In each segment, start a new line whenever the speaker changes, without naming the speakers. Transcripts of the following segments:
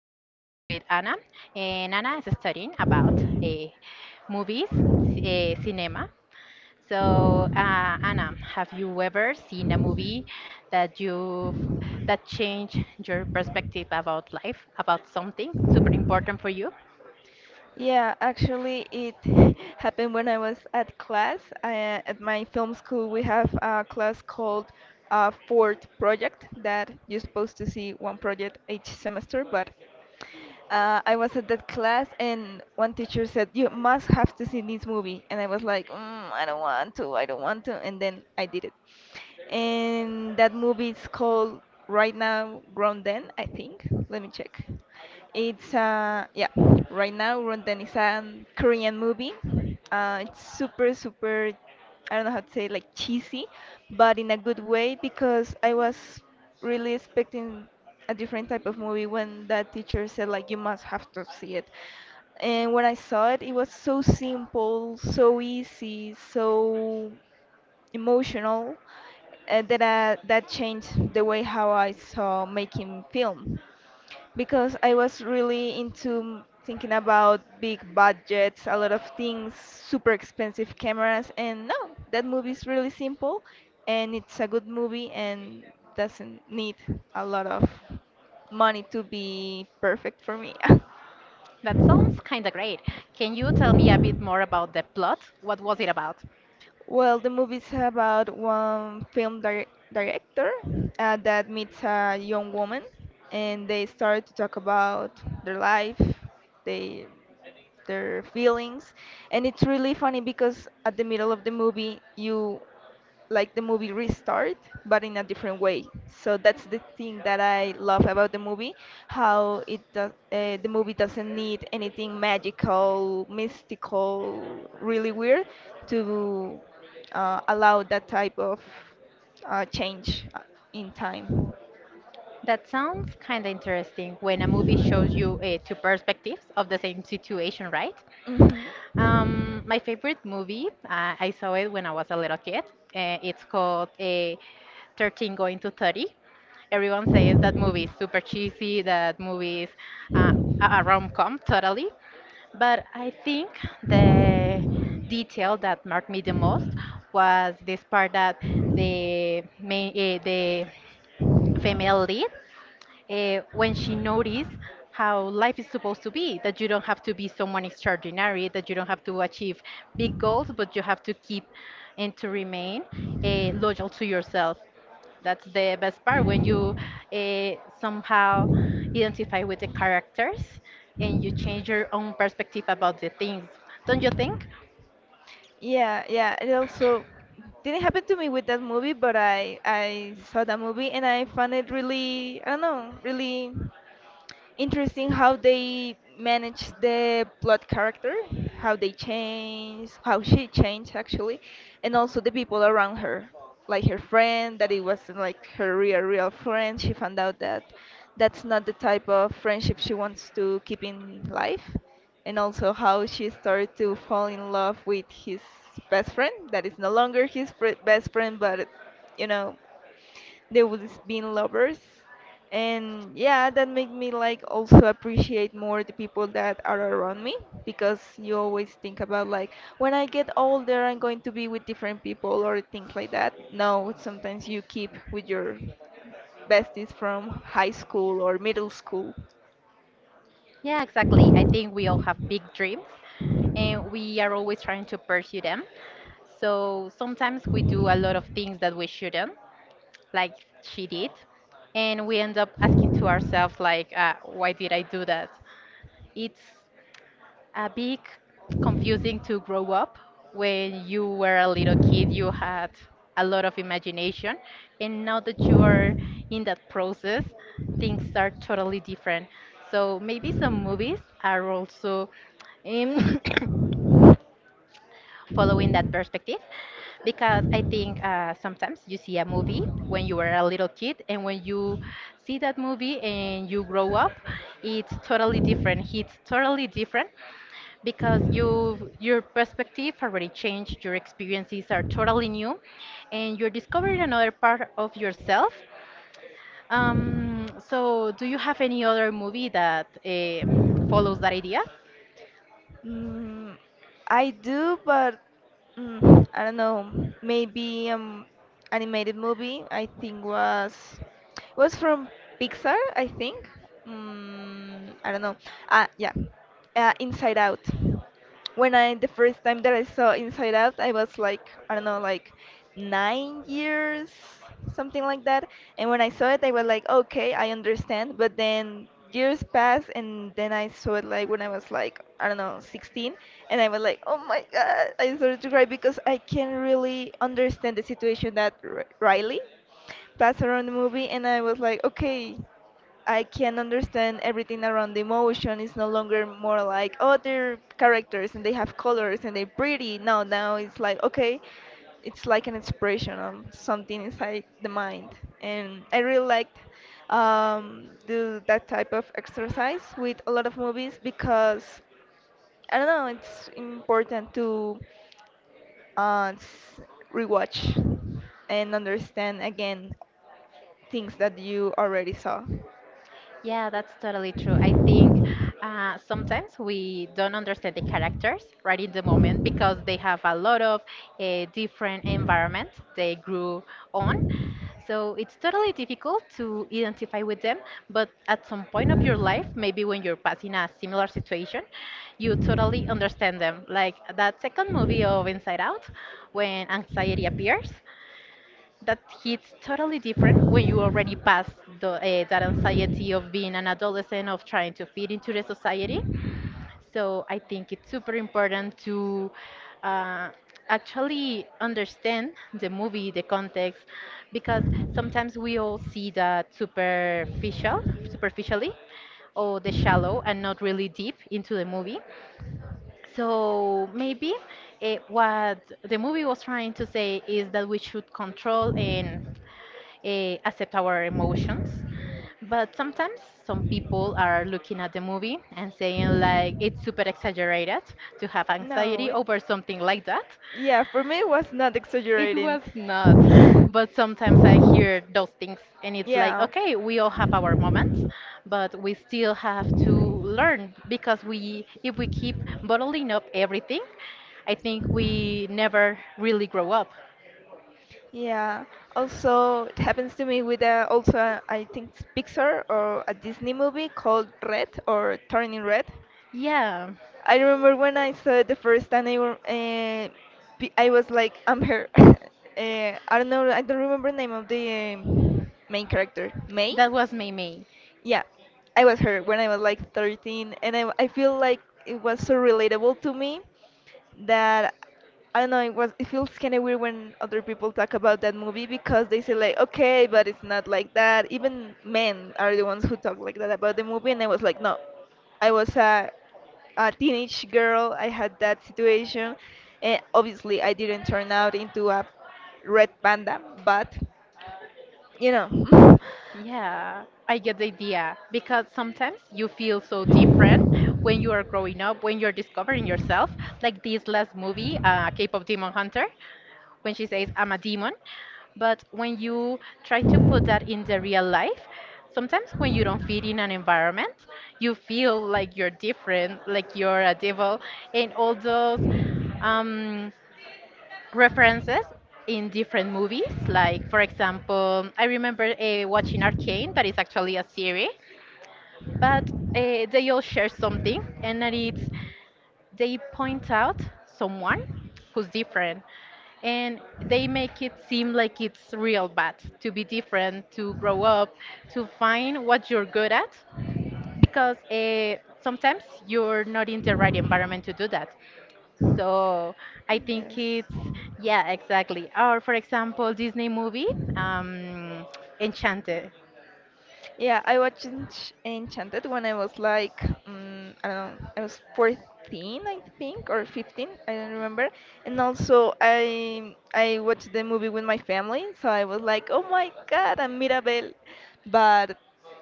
We're with Anna, and Anna is studying about movies, cinema. So, Anna, have you ever seen a movie that you that changed your perspective about life, about something super important for you?
Yeah, actually, it happened when I was at class. At my film school, we have a class called Fort Project that you're supposed to see one project each semester, but I was at that class, and one teacher said, You must have to see this movie. And I was like, I don't want to. And then I did it. And that movie is called Right Now, Grounden, I think. Let me check. It's Right Now, Grounden is a Korean movie. It's super, I don't know how to say, like cheesy, but in a good way because I was really expecting a different type of movie when that teacher said like you must have to see it, and when I saw it, it was so simple, so easy, so emotional that changed the way how I saw making film, because I was really into thinking about big budgets, a lot of things, super expensive cameras, and no, that movie is really simple and it's a good movie and doesn't need a lot of money to be perfect for me.
That sounds kind of great. Can you tell me a bit more about the plot? What was it about?
Well, the movie is about one director, that meets a young woman, and they start to talk about their life, they their feelings. And it's really funny because at the middle of the movie you, like the movie restart, but in a different way. So that's the thing that I love about the movie, how it does. The movie doesn't need anything magical, mystical, really weird to, allow that type of, change, in time.
That sounds kind of interesting when a movie shows you two perspectives of the same situation, right?
Hmm.
My favorite movie, I saw it when I was a little kid. It's called 13 Going to 30. Everyone says that movie is super cheesy, that movie is uh, a rom-com totally. But I think the detail that marked me the most was this part that the female lead when she noticed how life is supposed to be, that you don't have to be someone extraordinary, that you don't have to achieve big goals, but you have to keep and to remain loyal to yourself. That's the best part when you uh, somehow identify with the characters and you change your own perspective about the things, don't you think?
Yeah, yeah. It also didn't happen to me with that movie, but I saw that movie and I found it really, I don't know, really interesting how they manage the plot character, how they change, how she changed actually, and also the people around her, like her friend, that it wasn't like her real friend. She found out that that's not the type of friendship she wants to keep in life, and also how she started to fall in love with his best friend, that is no longer his fri best friend, but you know, they would been lovers. And yeah, that made me like also appreciate more the people that are around me, because you always think about like, when I get older I'm going to be with different people or things like that. No, sometimes you keep with your besties from high school or middle school.
Yeah, exactly. I think we all have big dreams and we are always trying to pursue them. So sometimes we do a lot of things that we shouldn't, like she did, and we end up asking to ourselves like, why did I do that? It's a big confusing to grow up. When you were a little kid, you had a lot of imagination, and now that you are in that process, things are totally different. So maybe some movies are also um, following that perspective because I think sometimes you see a movie when you were a little kid, and when you see that movie and you grow up, it's totally different. It's totally different because your perspective already changed, your experiences are totally new, and you're discovering another part of yourself. So do you have any other movie that follows that idea?
Mm, I do, but I don't know. Maybe animated movie. I think was from Pixar, I think. Mm, I don't know. Ah, yeah. Inside Out. When I, the first time that I saw Inside Out, I was like, I don't know, like 9 years, something like that. And when I saw it, I was like, okay, I understand. But then years passed, and then I saw it like when I was like, I don't know, 16, and I was like, oh my God, I started to cry because I can't really understand the situation that R Riley passed around the movie. And I was like, okay, I can understand everything around the emotion. It's no longer more like, oh, they're characters and they have colors and they're pretty. No, now it's like, okay, it's like an expression of something inside the mind. And I really liked, do that type of exercise with a lot of movies, because I don't know, it's important to uh, s- rewatch and understand again things that you already saw.
Yeah, that's totally true. I think sometimes we don't understand the characters right in the moment because they have a lot of different environment they grew on. So it's totally difficult to identify with them, but at some point of your life, maybe when you're passing a similar situation, you totally understand them. Like that second movie of Inside Out, when anxiety appears, that hits totally different when you already pass that anxiety of being an adolescent of trying to fit into the society. So I think it's super important to uh, actually understand the movie, the context, because sometimes we all see that superficially, or the shallow and not really deep into the movie. So maybe what the movie was trying to say is that we should control and accept our emotions. But sometimes some people are looking at the movie and saying like it's super exaggerated to have
No,
anxiety
it,
over something like that.
yeah, for me it was not
It
exaggerating.
was not. But sometimes I hear those things and it's like,
Yeah,
okay, we all have our moments, but we still have to learn, because we if we keep bottling up everything, I think we never really grow up.
yeah. Also, it happens to me with a also, I think it's Pixar or a Disney movie called Red or Turning Red.
Yeah.
I remember when I saw it the first time, I, were- eh, pe- I was like, I'm her. I don't know, I don't remember the name of the main character. May?
That was Mimi.
Yeah, I was her when I was like 13, and I feel like it was so relatable to me, that I don't know. It was. It feels kind of weird when other people talk about that movie because they say like, okay, but it's not like that. Even men are the ones who talk like that about the movie, and I was like, no, I was a teenage girl. I had that situation, and obviously I didn't turn out into a red panda, but you know.
Yeah, I get the idea. Because sometimes you feel so different when you are growing up, when you're discovering yourself. Like this last movie, K-pop Demon Hunter, when she says I'm a demon. But when you try to put that in the real life, sometimes when you don't fit in an environment, you feel like you're different, like you're a devil, and all those um, references in different movies. Like, for example, I remember watching Arcane, that is actually a series, but they all share something, and that is they point out someone who's different, and they make it seem like it's real bad to be different, to grow up, to find what you're good at, because sometimes you're not in the right environment to do that. So I think it's, yeah, exactly. Or for example, Disney movie, um, Enchanted.
Yeah, I watched Enchanted when I was like, I don't know, I was 14, I think, or 15, I don't remember. And also, I watched the movie with my family, so I was like, oh my God, I'm Mirabel. But,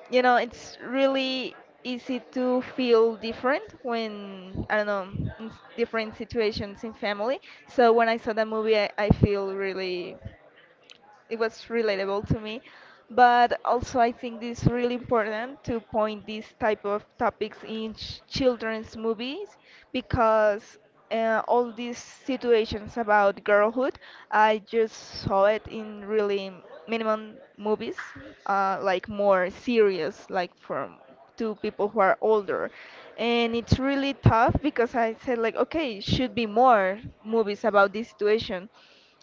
you know, it's really easy to feel different when, I don't know, in different situations in family. So when I saw that movie, I feel really, it was relatable to me. But also, I think it's really important to point these type of topics in ch children's movies, because all these situations about girlhood, I just saw it in really minimum movies, like more serious, like from, to people who are older. And it's really tough because I said like, okay, should be more movies about this situation.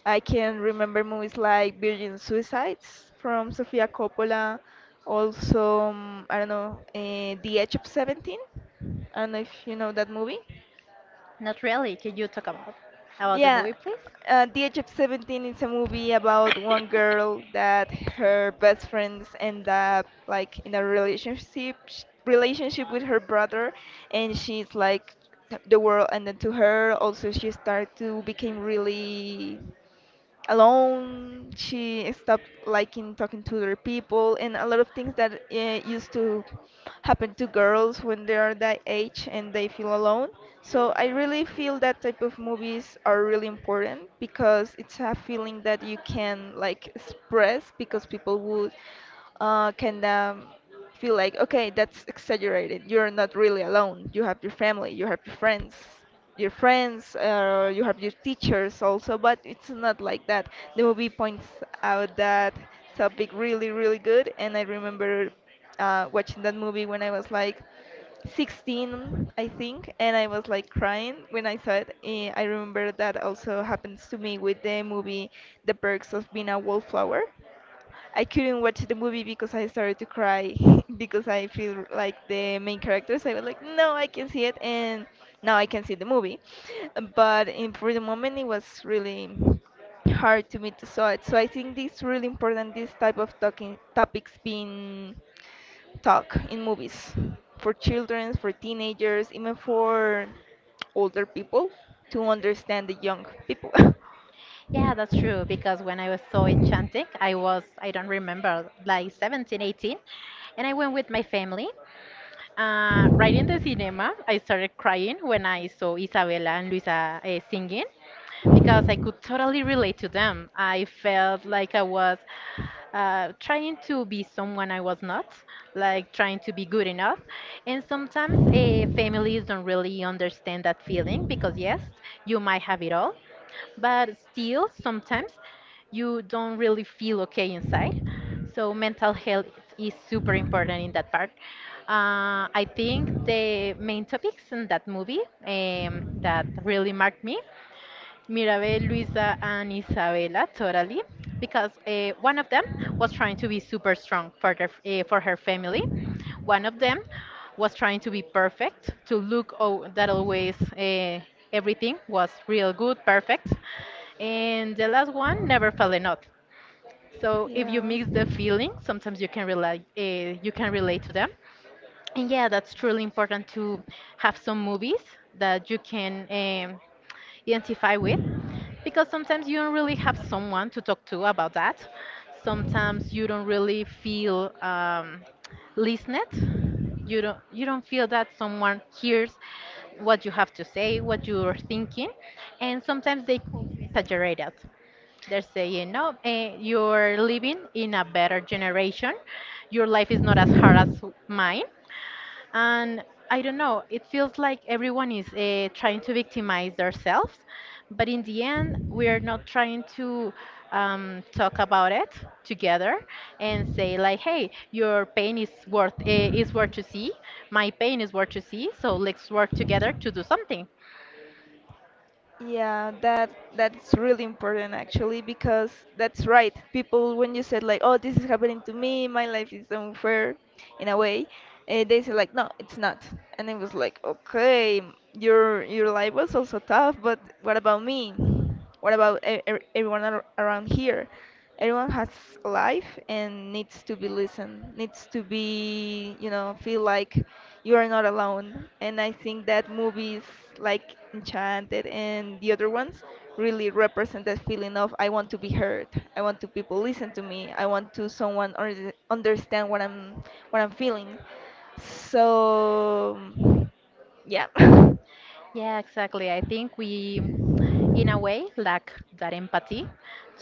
I can remember movies like Virgin Suicides from Sofia Coppola, also, I don't know, The Edge of 17. I don't know if you know that movie.
Not really. Can you talk about the
Yeah,
movie, please?
The Age of 17 is a movie about one girl that her best friends end up like in a relationship with her brother, and she's like, the world ended to her. Also, she started to become really alone. She stopped liking talking to other people, and a lot of things that used to happen to girls when they are that age and they feel alone. So I really feel that type of movies are really important, because it's a feeling that you can like express, because people would, can, feel like, okay, that's exaggerated. You're not really alone. You have your family, you have your friends, you have your teachers also, but it's not like that. The movie points out that topic really, really good, and I remember watching that movie when I was like 16, I think, and I was like crying when I saw it. I remember that also happens to me with the movie The Perks of Being a Wallflower. I couldn't watch the movie because I started to cry because I feel like the main characters. I was like, no, I can see it, and now I can see the movie. But in, for the moment, it was really hard to me to saw it. So I think this is really important. This type of talking topics being talk in movies for children, for teenagers, even for older people to understand the young people.
Yeah, that's true. Because when I was so enchanted, I was, I don't remember, like 17, 18. And I went with my family. Right in the cinema, I started crying when I saw Isabella and Luisa singing, because I could totally relate to them. I felt like I was trying to be someone I was not, like trying to be good enough. And sometimes families don't really understand that feeling because, yes, you might have it all, but still, sometimes you don't really feel okay inside. So, mental health is super important in that part. I think the main topics in that movie, that really marked me, Mirabel, Luisa, and Isabella, totally, because one of them was trying to be super strong for for her family. One of them was trying to be perfect, to look oh, that always everything was real good, perfect, and the last one never fell in love. So if you
Yeah.
mix the feeling, sometimes you can relate to them. And yeah, that's truly important to have some movies that you can identify with, because sometimes you don't really have someone to talk to about that. Sometimes you don't really feel listened. You don't feel that someone hears what you have to say, what you're thinking, and sometimes they call you exaggerated. They're saying, "No, you're living in a better generation. Your life is not as hard as mine, and I don't know. It feels like everyone is trying to victimize themselves, but in the end, we are not trying to talk about it together and say like, "Hey, your pain is worth to see. My pain is worth to see. So let's work together to do something."
Yeah, that that's really important actually, because that's right. People when you said like, "Oh, this is happening to me, my life is unfair." in a way. And they said like, no, it's not. And it was like, okay, your life was also tough, but what about me? What about everyone around here? Everyone has a life and needs to be listened, needs to be, you know, feel like you are not alone. And I think that movies like Enchanted and the other ones really represent that feeling of I want to be heard. I want to people listen to me. I want to someone understand what I'm feeling. So yeah.
Yeah, exactly. I think we, in a way, lack that empathy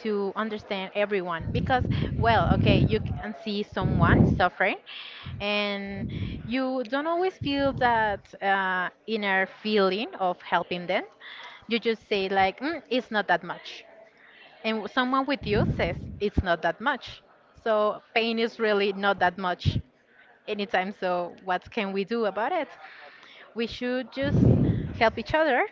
to understand everyone because, well, okay, you can see someone suffering and you don't always feel that inner feeling of helping them. You just say, like, it's not that much. And someone with you says, it's not that much. So pain is really not that much anytime. So what can we do about it? We should just help each other,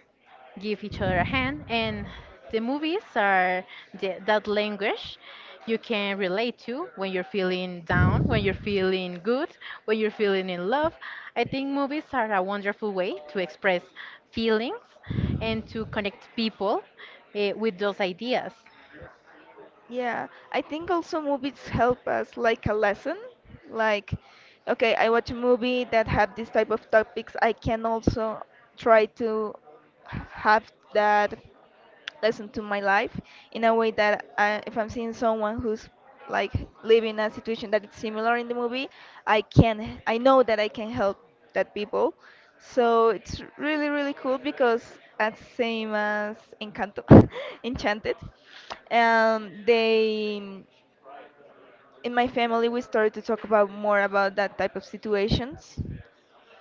give each other a hand, and the movies are that language you can relate to when you're feeling down, when you're feeling good, when you're feeling in love. I think movies are a wonderful way to express feelings and to connect people with those ideas.
Yeah, I think also movies help us like a lesson. Like, okay, I watch a movie that have this type of topics. I can also try to have that lesson to my life, in a way that I, if I'm seeing someone who's like living a situation that is similar in the movie, I can, I know that I can help that people. So it's really really cool because as same as Encanto, Enchanted, they, in my family we started to talk about more about that type of situations,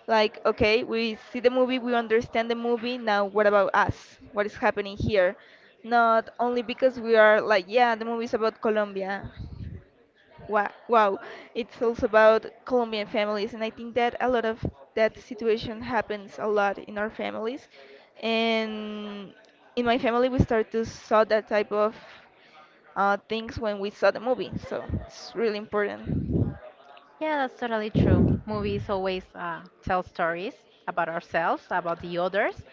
like, okay, we see the movie, we understand the movie, now what about us? What is happening here? Not only because we are like, yeah, the movie is about Colombia. Wow, wow. It's also about Colombian families, and I think that a lot of that situation happens a lot in our families. And in my family, we start to saw that type of, things when we saw the movie, so it's really important.
Yeah, that's totally true. Movies always tell stories about ourselves, about the others.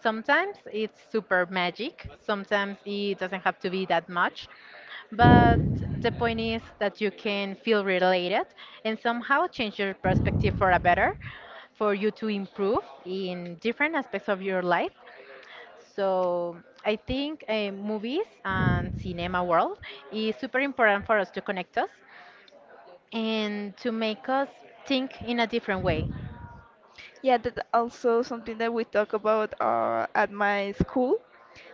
Sometimes it's super magic, sometimes it doesn't have to be that much. But the point is that you can feel related and somehow change your perspective for a better, for you to improve in different aspects of your life. So I think movies and cinema world is super important for us to connect us and to make us think in a different way.
Yeah, that's also something that we talk about at my school.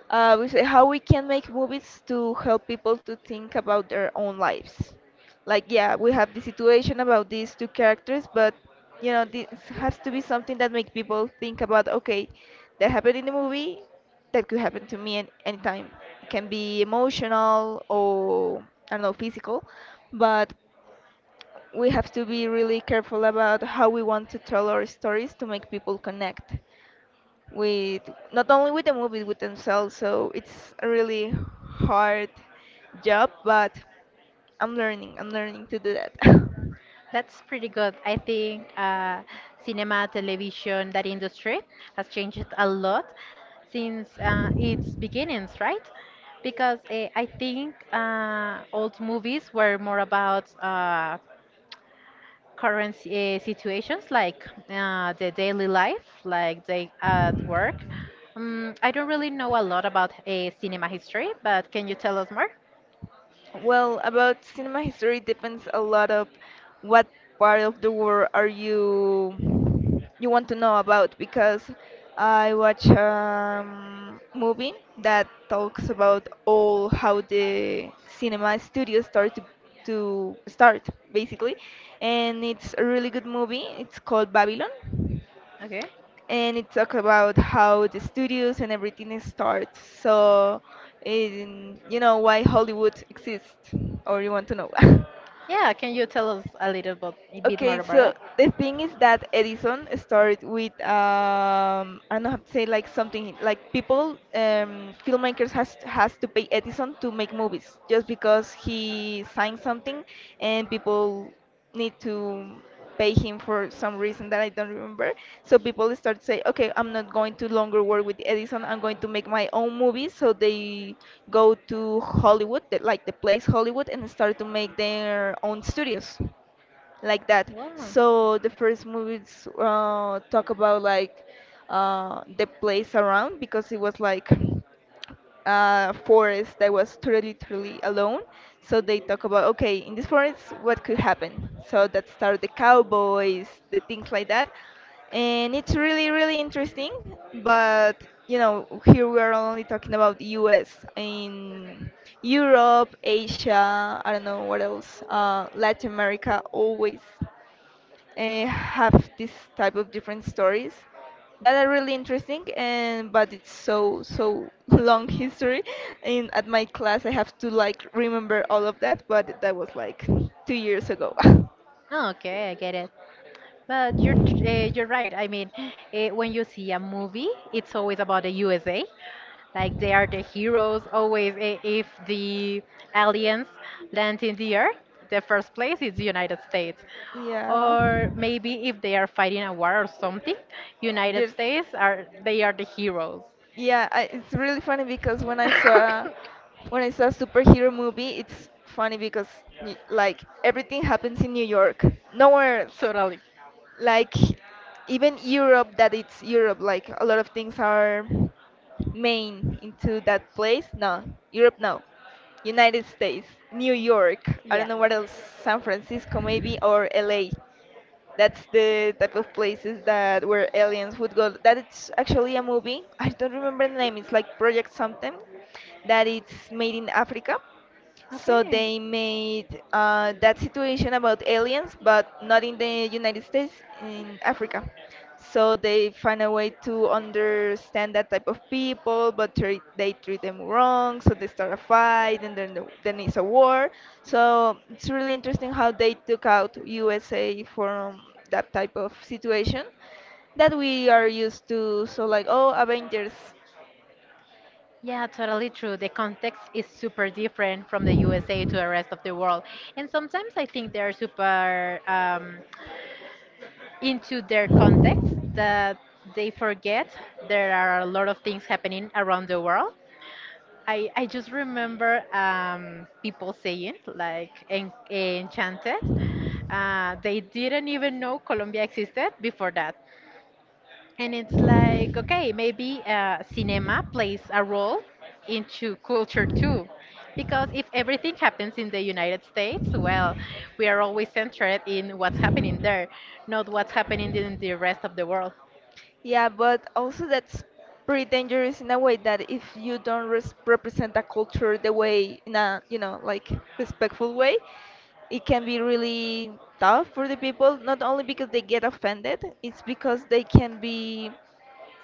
We say how we can make movies to help people to think about their own lives. Like, yeah, we have the situation about these two characters, but this has to be something that make people think about, okay, that happened in the movie, that could happen to me at any time. It can be emotional or I don't know, physical, but we have to be really careful about how we want to tell our stories to make people connect with not only with the movie with themselves, so it's a really hard job, but I'm learning to do that.
That's pretty good. I think cinema, television, that industry has changed a lot since its beginnings, right? Because I think old movies were more about current situations, like the daily life, like they at work. I don't really know a lot about cinema history, but can you tell us more?
Well, about cinema history depends a lot of what part of the world are you want to know about, because I watch movie that talks about all how the cinema studios start to start basically, and it's a really good movie. It's called Babylon,
Okay.
and it talked about how the studios and everything starts. So, in, you know, why Hollywood exists, or you want to know?
Yeah, can you tell us a bit
Okay,
more about
so
it?
the thing is that Edison started with I don't know how to say, like something like people, filmmakers has to pay Edison to make movies just because he signed something, and people need to pay him for some reason that I don't remember. So people start to say, okay, I'm not going to longer work with Edison. I'm going to make my own movies. So they go to Hollywood, like the place Hollywood, and start to make their own studios like that.
Wow.
So the first movies talk about like the place around, because it was like a forest that was totally totally alone. So they talk about, okay, in this forest what could happen. So that started the cowboys, the things like that, and it's really really interesting. But you know, here we are only talking about the U.S. In Europe, Asia, I don't know what else, Latin America always have this type of different stories that are really interesting. And but it's so so long history, and at my class I have to like remember all of that, but that was like 2 years ago.
Oh, okay, I get it. But you're right. I mean, when you see a movie, it's always about the USA. Like they are the heroes always. If the aliens land in the earth, the first place is the United States.
Yeah,
Or maybe if they are fighting a war or something, United
there's,
States, are they are the heroes.
yeah, I, it's really funny because when I saw a superhero movie, it's funny because like everything happens in New York, nowhere else.
Totally.
Like, even Europe, that it's Europe, like a lot of things are main into that place. No Europe, no United States, New York, I
Yeah.
don't know what else, San Francisco maybe, or LA. That's the type of places that where aliens would go. That it's actually a movie, I don't remember the name, it's like Project something, that it's made in Africa. So
Okay.
they made that situation about aliens, but not in the United States, in Africa. So they find a way to understand that type of people, but they treat them wrong. So they start a fight, and then it's a war. So it's really interesting how they took out USA from that type of situation that we are used to. So like, oh, Avengers.
Yeah, totally true. The context is super different from the USA to the rest of the world. And sometimes I think they're super into their context that they forget there are a lot of things happening around the world. I just remember people saying like enchanted. They didn't even know Colombia existed before that. And it's like, okay, maybe cinema plays a role into culture too. Because if everything happens in the United States, well, we are always centered in what's happening there, not what's happening in the rest of the world.
Yeah, but also that's pretty dangerous in a way that if you don't res represent a culture the way in a, you know, like respectful way, it can be really tough for the people, not only because they get offended, it's because they can be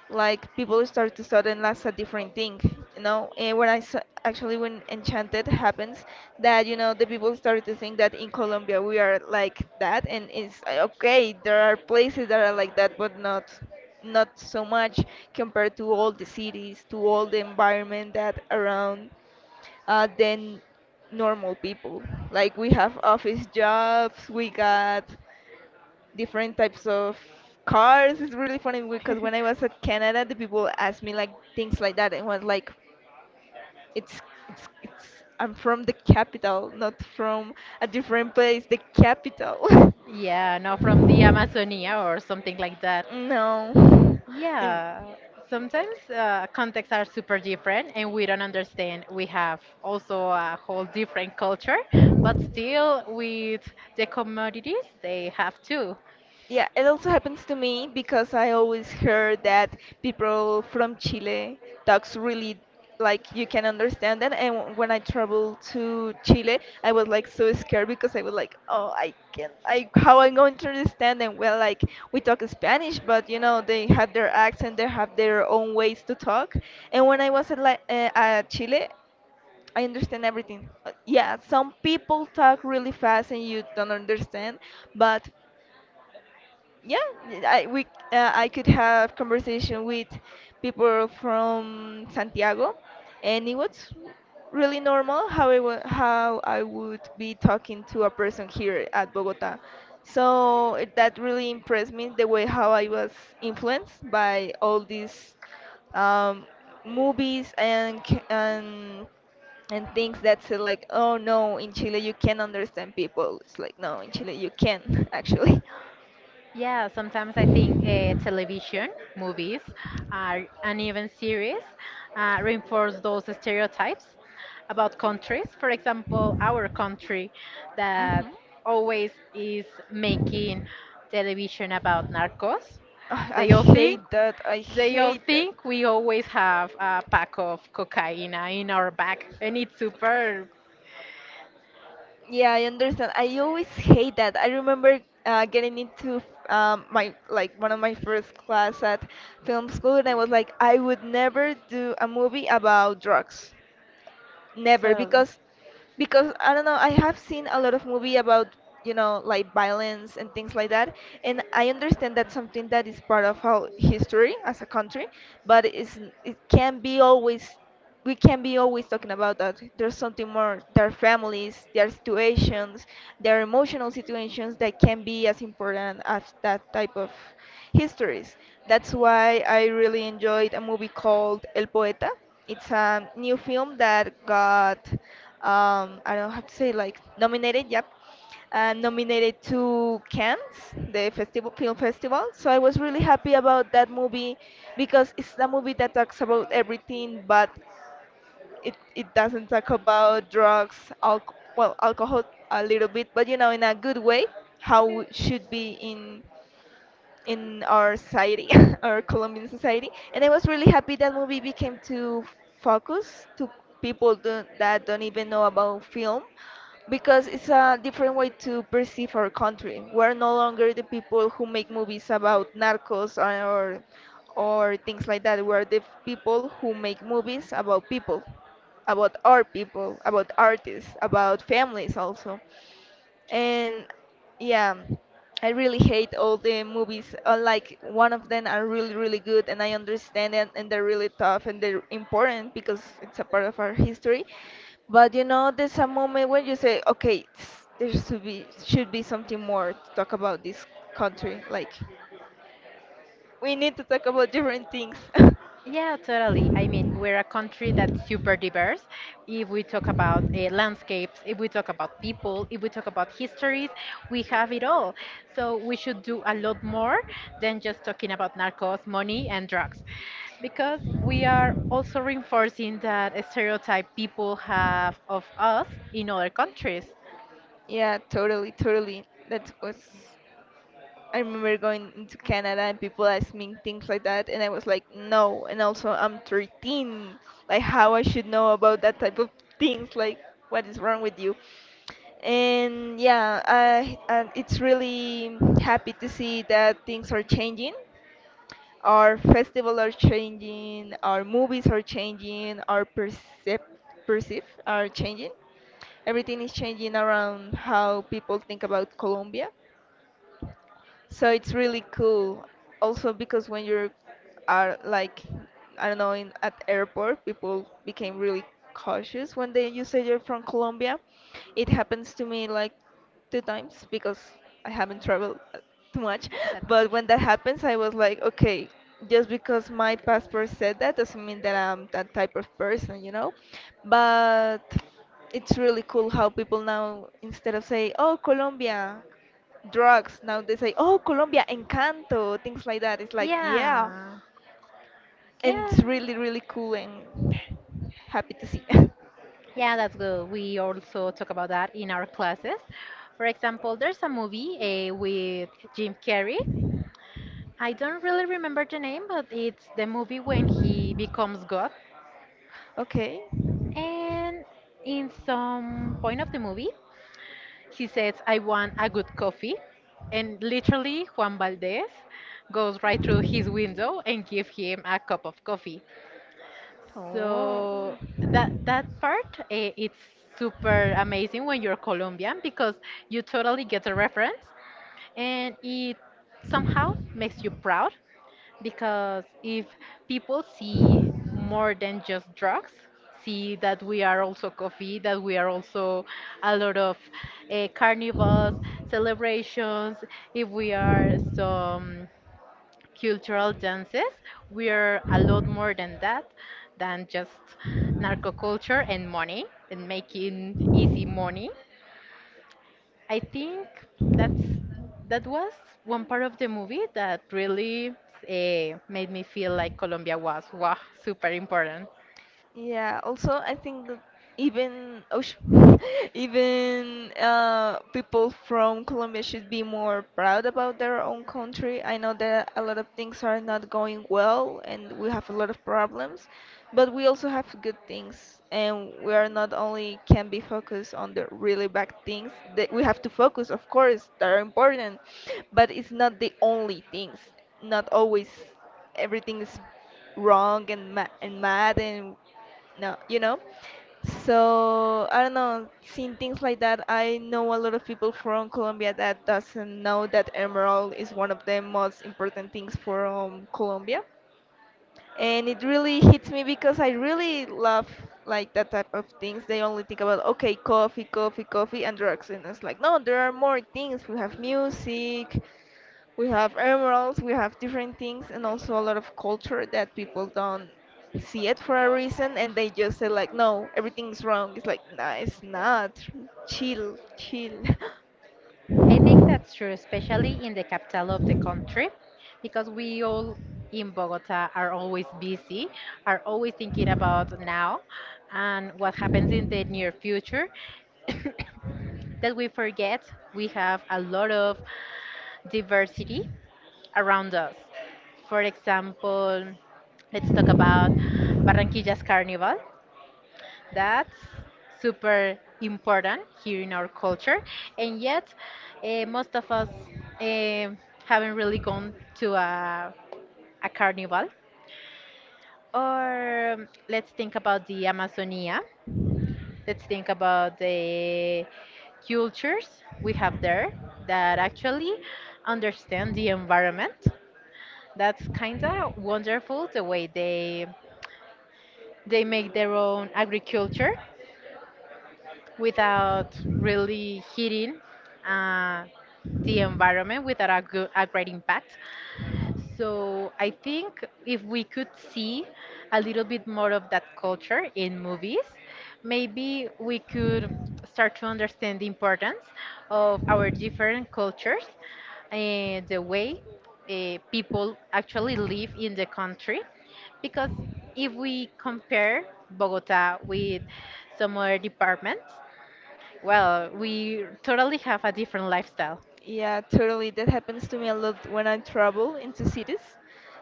like people start to suddenly as a different thing, you know. And actually, when Enchanted happens, that you know, the people started to think that in Colombia we are like that, and it's okay, there are places that are like that, but not not so much compared to all the cities, to all the environment that around, then normal people, like we have office jobs, we got different types of cars. It's really funny because when I was at Canada, the people asked me like things like that, and was like, "It's, it's I'm from the capital, not from a different place. The capital."
Yeah, no, from the Amazonia or something like that.
No. Um,
Yeah, sometimes contexts are super different and we don't understand. We have also a whole different culture, but still with the commodities, they have too.
Yeah, it also happens to me because I always heard that people from Chile talks really like you can understand them. And when I traveled to Chile, I was like so scared because I was like, oh, I can, I how I'm going to understand them? Well, like we talk Spanish, but you know they have their accent, they have their own ways to talk. And when I was at, like, at Chile, I understand everything. Yeah, some people talk really fast and you don't understand, but yeah, i we I could have conversation with people from Santiago, and it was really normal how how I would be talking to a person here at Bogota. So that really impressed me, the way how I was influenced by all these um, movies and and things that say like, oh no, in Chile you can understand people. It's like, no, in Chile you can actually.
Yeah, sometimes I think television, movies, uh, and even series reinforce those stereotypes about countries. For example, our country
Hmm.
that always is making television about narcos.
Ah, I
they all think
hate that. I
They all
hate that.
think we always have a pack of cocaine in our bag, and it's super.
Yeah, I understand. I always hate that. I remember getting into my like one of my first class at film school, and I was like, I would never do a movie about drugs. Never,
Totally.
because because I don't know, I have seen a lot of movie about, you know, like violence and things like that, and I understand that's something that is part of our history as a country, but it's, it can be always, we can be always talking about that. There's something more, their families, their situations, their emotional situations that can be as important as that type of histories. That's why I really enjoyed a movie called El Poeta. It's a new film that got I don't have to say like nominated, yep, nominated to Cannes, the festival film festival. So I was really happy about that movie, because it's a movie that talks about everything, but it doesn't talk about drugs, alc, well, alcohol a little bit, but you know, in a good way, how it should be in our society, our Colombian society. And I was really happy that movie became to focus to people don't, that don't even know about film, because it's a different way to perceive our country. We're no longer the people who make movies about narcos or things like that. We're the people who make movies about people, about our people, about artists, about families also. And yeah, I really hate all the movies, like one of them are really really good and I understand it, and they're really tough and they're important because it's a part of our history. But you know, there's a moment when you say, okay, there should be something more to talk about this country, like we need to talk about different things.
Yeah, totally. I mean, we're a country that's super diverse. If we talk about landscapes, if we talk about people, if we talk about histories, we have it all. So we should do a lot more than just talking about narcos, money, and drugs. Because we are also reinforcing that stereotype people have of us in other countries.
Yeah, totally totally. That was, I remember going into Canada and people asking things like that, and I was like, no. And also, I'm 13. Like, how I should know about that type of things? Like, what is wrong with you? And yeah, I, and it's really happy to see that things are changing. Our festivals are changing. Our movies are changing. Our percep, perceive are changing. Everything is changing around how people think about Colombia, so it's really cool. Also because when you're are like, I don't know, in at airport people became really cautious when they you say you're from Colombia. It happens to me like two times, because I haven't traveled too much.
That much.
But when that happens I was like, okay, just because my passport said that doesn't mean that I'm that type of person, you know? But it's really cool how people now, instead of say, "Oh, Colombia," drugs. Now they say, oh, Colombia, Encanto, things like that. It's like, yeah.
Yeah,
And
yeah,
it's really, really cool and happy to see.
yeah, that's good. We also talk about that in our classes. For example, there's a movie with Jim Carrey. I don't really remember the name, but it's the movie when he becomes God.
Okay.
And in some point of the movie, he says, I want a good coffee. And literally, Juan Valdez goes right through his window and give him a cup of coffee.
Oh, wow.
So that that part, it's super amazing when you're Colombian because you totally get the reference and it somehow makes you proud because if people see more than just drugs, see that we are also coffee, that we are also a lot of carnivals, celebrations, if we are some cultural dances, we are a lot more than that, than just narco culture and money and making easy money. I think that's that was one part of the movie that really made me feel like Colombia was wow super important.
Yeah, also I think that even, oh sh, even people from Colombia should be more proud about their own country. I know that a lot of things are not going well and we have a lot of problems, but we also have good things, and we are not only can be focused on the really bad things that we have to focus, of course, that are important, but it's not the only things. Not always everything is wrong and ma, and mad, and no, you know. So I don't know, seeing things like that, I know a lot of people from Colombia that doesn't know that emerald is one of the most important things from Colombia. And it really hits me, because I really love like that type of things. They only think about, okay, coffee, coffee, coffee, and drugs, and it's like, no, there are more things. We have music, we have emeralds, we have different things, and also a lot of culture that people don't see it for a reason, and they just say like, no, everything's wrong. It's like, nah, it's not. Chill, chill.
I think that's true, especially in the capital of the country, because we all in Bogota are always busy, are always thinking about now and what happens in the near future, that we forget we have a lot of diversity around us. For example, let's talk about Barranquilla's Carnival. That's super important here in our culture, and yet most of us eh, haven't really gone to a carnival. Or let's think about the Amazonia. Let's think about the cultures we have there that actually understand the environment. That's kind of wonderful the way they make their own agriculture without really hitting uh, the environment without a great impact. So I think if we could see a little bit more of that culture in movies, maybe we could start to understand the importance of our different cultures and the way people actually live in the country. Because if we compare Bogota with some other departments, well, we totally have a different lifestyle.
Yeah, totally. That happens to me a lot when I travel into cities.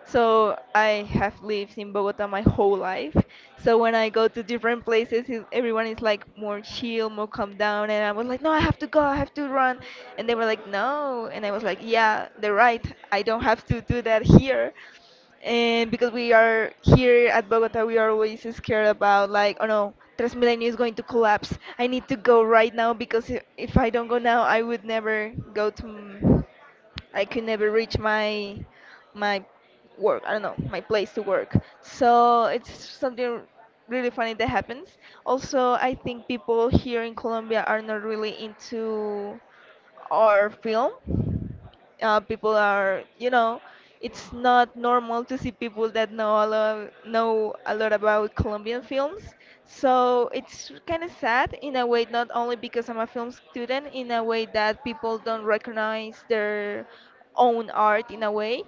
So I have lived in Bogota my whole life. So when I go to different places, everyone is like more chill, more calm down, and I was like, no, I have to go, I have to run, and they were like, no, and I was like, yeah, they're right. I don't have to do that here, and because we are here at Bogota, we are always scared about like, oh no, Transmilenio is going to collapse. I need to go right now because if I don't go now, I would never go to, I could never reach my work. I don't know my place to work. So it's something really funny that happens. Also, I think people here in Colombia are not really into or film. People are, it's not normal to see people that know a lot about Colombian films. So it's kind of sad in a way, not only because I'm a film student, in a way that people don't recognize their own art in a way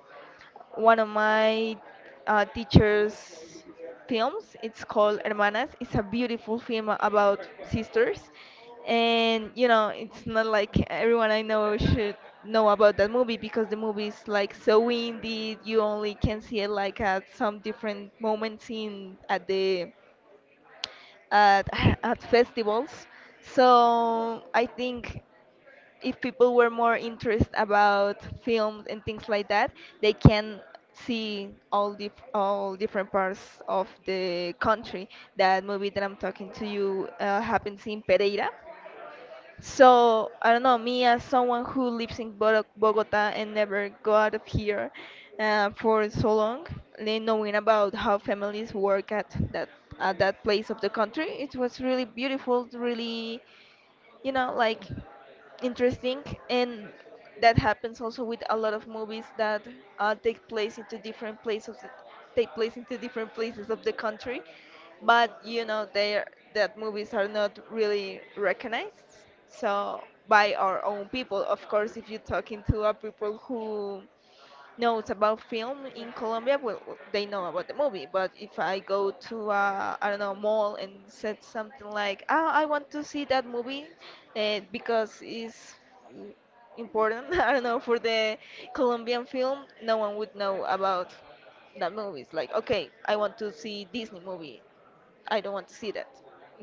one of my teacher's films. It's called Hermanas. It's a beautiful film about sisters, and it's not like everyone I know should know about that movie because the movie is like so indie. You only can see it like at some different moments in at the at at festivals. So I think if people were more interested about films and things like that, they can see all different parts of the country. That movie that I'm talking to you happens in Pereira. So I don't know, me as someone who lives in Bogota and never go out of here for so long, then knowing about how families work at that place of the country, it was really beautiful, really, like, interesting. And that happens also with a lot of movies that uh, take place into different places, take place into different places of the country. But they that movies are not really recognized. So by our own people, of course, if you're talking to a people who knows about film in Colombia, well, they know about the movie. But if I go to I don't know mall and said something like, "Ah, I want to see that movie," because it's mm, important. I don't know, for the Colombian film, no one would know about that movie. It's like, okay, I want to see Disney movie. I don't want to see that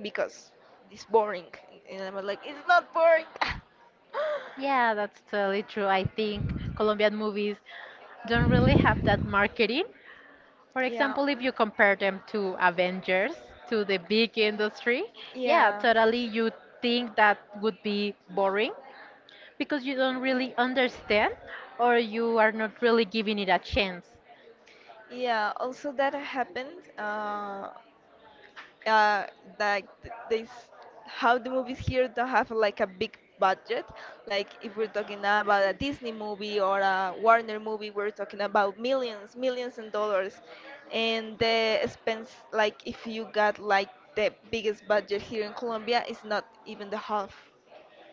because it's boring. And I'm like, it's not boring.
Yeah, that's totally true. I think Colombian movies don't really have that marketing. For
Yeah.
example, if you compare them to Avengers, to the big industry, yeah,
Yeah.
totally you think that would be boring because you don't really understand or you are not really giving it a chance.
Yeah, also that happened. Uh, like this, how the movies here don't have like a big budget, like if we're talking about a Disney movie or a Warner movie, we're talking about millions and dollars, and the expense, like if you got like the biggest budget here in Colombia is not even the half.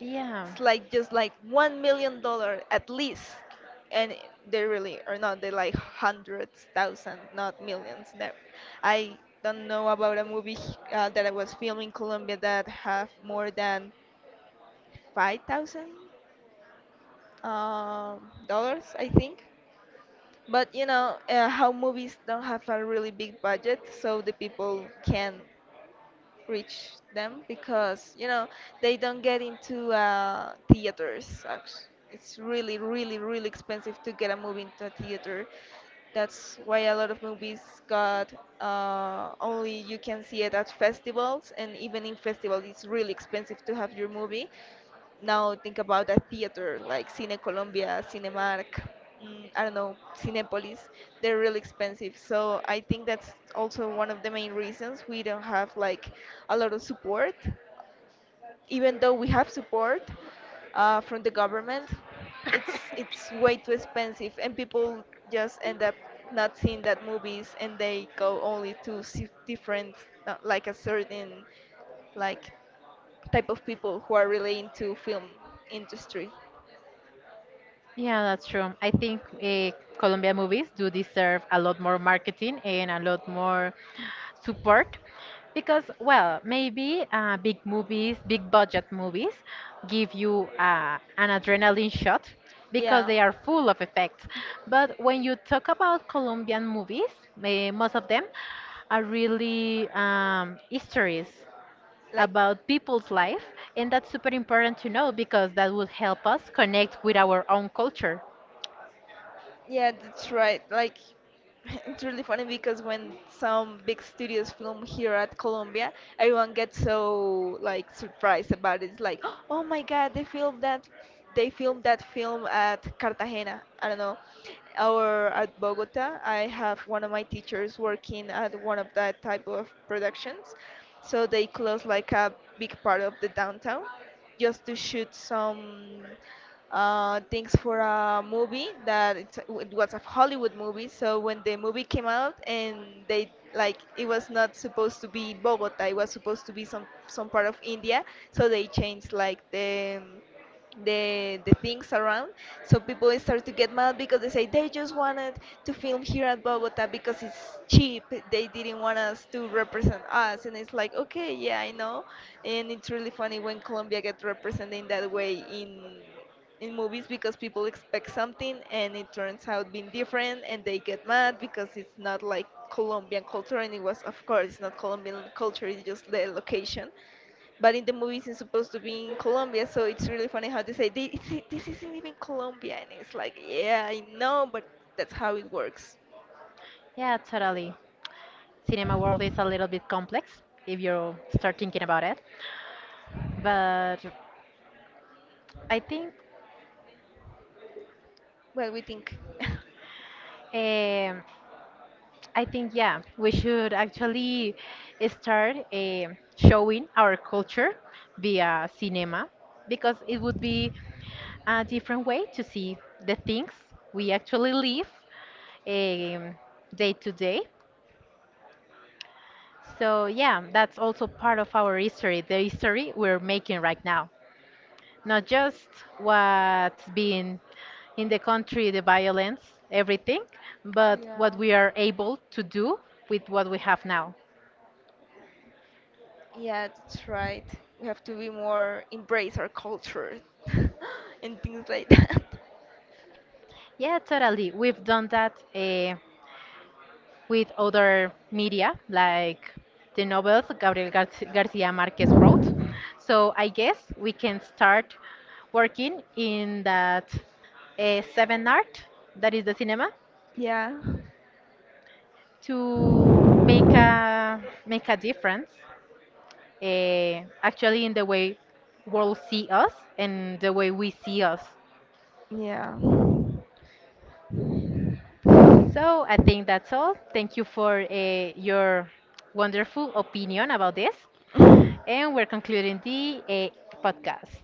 Yeah.
It's like just like $1 million at least, and they really are not. They like hundreds, thousands, not millions. That, I don't know about a movie that I was filming in Colombia that have more than 5,000 dollars, I think. But you know how movies don't have a really big budget, so the people can reach them because they don't get into theaters. It's really, really, really expensive to get a movie into a theater. That's why a lot of movies got only you can see it at festivals, and even in festivals, it's really expensive to have your movie. Now think about a theater like Cine Colombia, Cinemark, I don't know, Cinepolis. They're really expensive. So I think that's also one of the main reasons we don't have like a lot of support. Even though we have support from the government, it's way too expensive, and people just end up not seeing that movies, and they go only to see different, like a certain like type of people who are really into film industry.
Yeah, that's true. I think Colombia movies do deserve a lot more marketing and a lot more support because, well, maybe big movies, big budget movies give you an adrenaline shot because
Yeah.
they are full of effects. But when you talk about Colombian movies, most of them are really histories
Like
about people's life, and that's super important to know because that will help us connect with our own culture.
Yeah, that's right. Like, it's really funny because when some big studios film here at Colombia, everyone gets so like surprised about it. It's like, oh my God, they filmed that, film at Cartagena. I don't know, or at Bogota. I have one of my teachers working at one of that type of productions, so they close like a big part of the downtown just to shoot some things for a movie that it was a Hollywood movie. So when the movie came out, and they like it was not supposed to be Bogota, it was supposed to be some part of India. So they changed like the things around. So people start to get mad because they say they just wanted to film here at Bogota because it's cheap. They didn't want us to represent us, and it's like, okay, yeah, I know, and it's really funny when Colombia gets represented in that way in movies because people expect something and it turns out being different, and they get mad because it's not like Colombian culture. And it was, of course, it's not Colombian culture, it's just the location. But in the movies it's supposed to be in Colombia, so it's really funny how they say this, this isn't even Colombia, and it's like, yeah, I know, but that's how it works.
Yeah, totally. Cinema world is a little bit complex if you start thinking about it. But I think,
Well, we think.
um, I think yeah, we should actually start showing our culture via cinema because it would be a different way to see the things we actually live um, day to day. So yeah, that's also part of our history, the history we're making right now. Not just what's been in the country, the violence, everything, but what
Yeah.
we are able to do with what we have now.
Yeah, that's right. We have to be more embrace our culture. And things like that.
Yeah, totally. We've done that with other media, like the novels Garcia Marquez wrote. So I guess we can start working in that seven art, that is the cinema,
Yeah.
to make a difference actually in the way world see us and the way we see us.
Yeah.
So I think that's all. Thank you for your wonderful opinion about this, and we're concluding the podcast.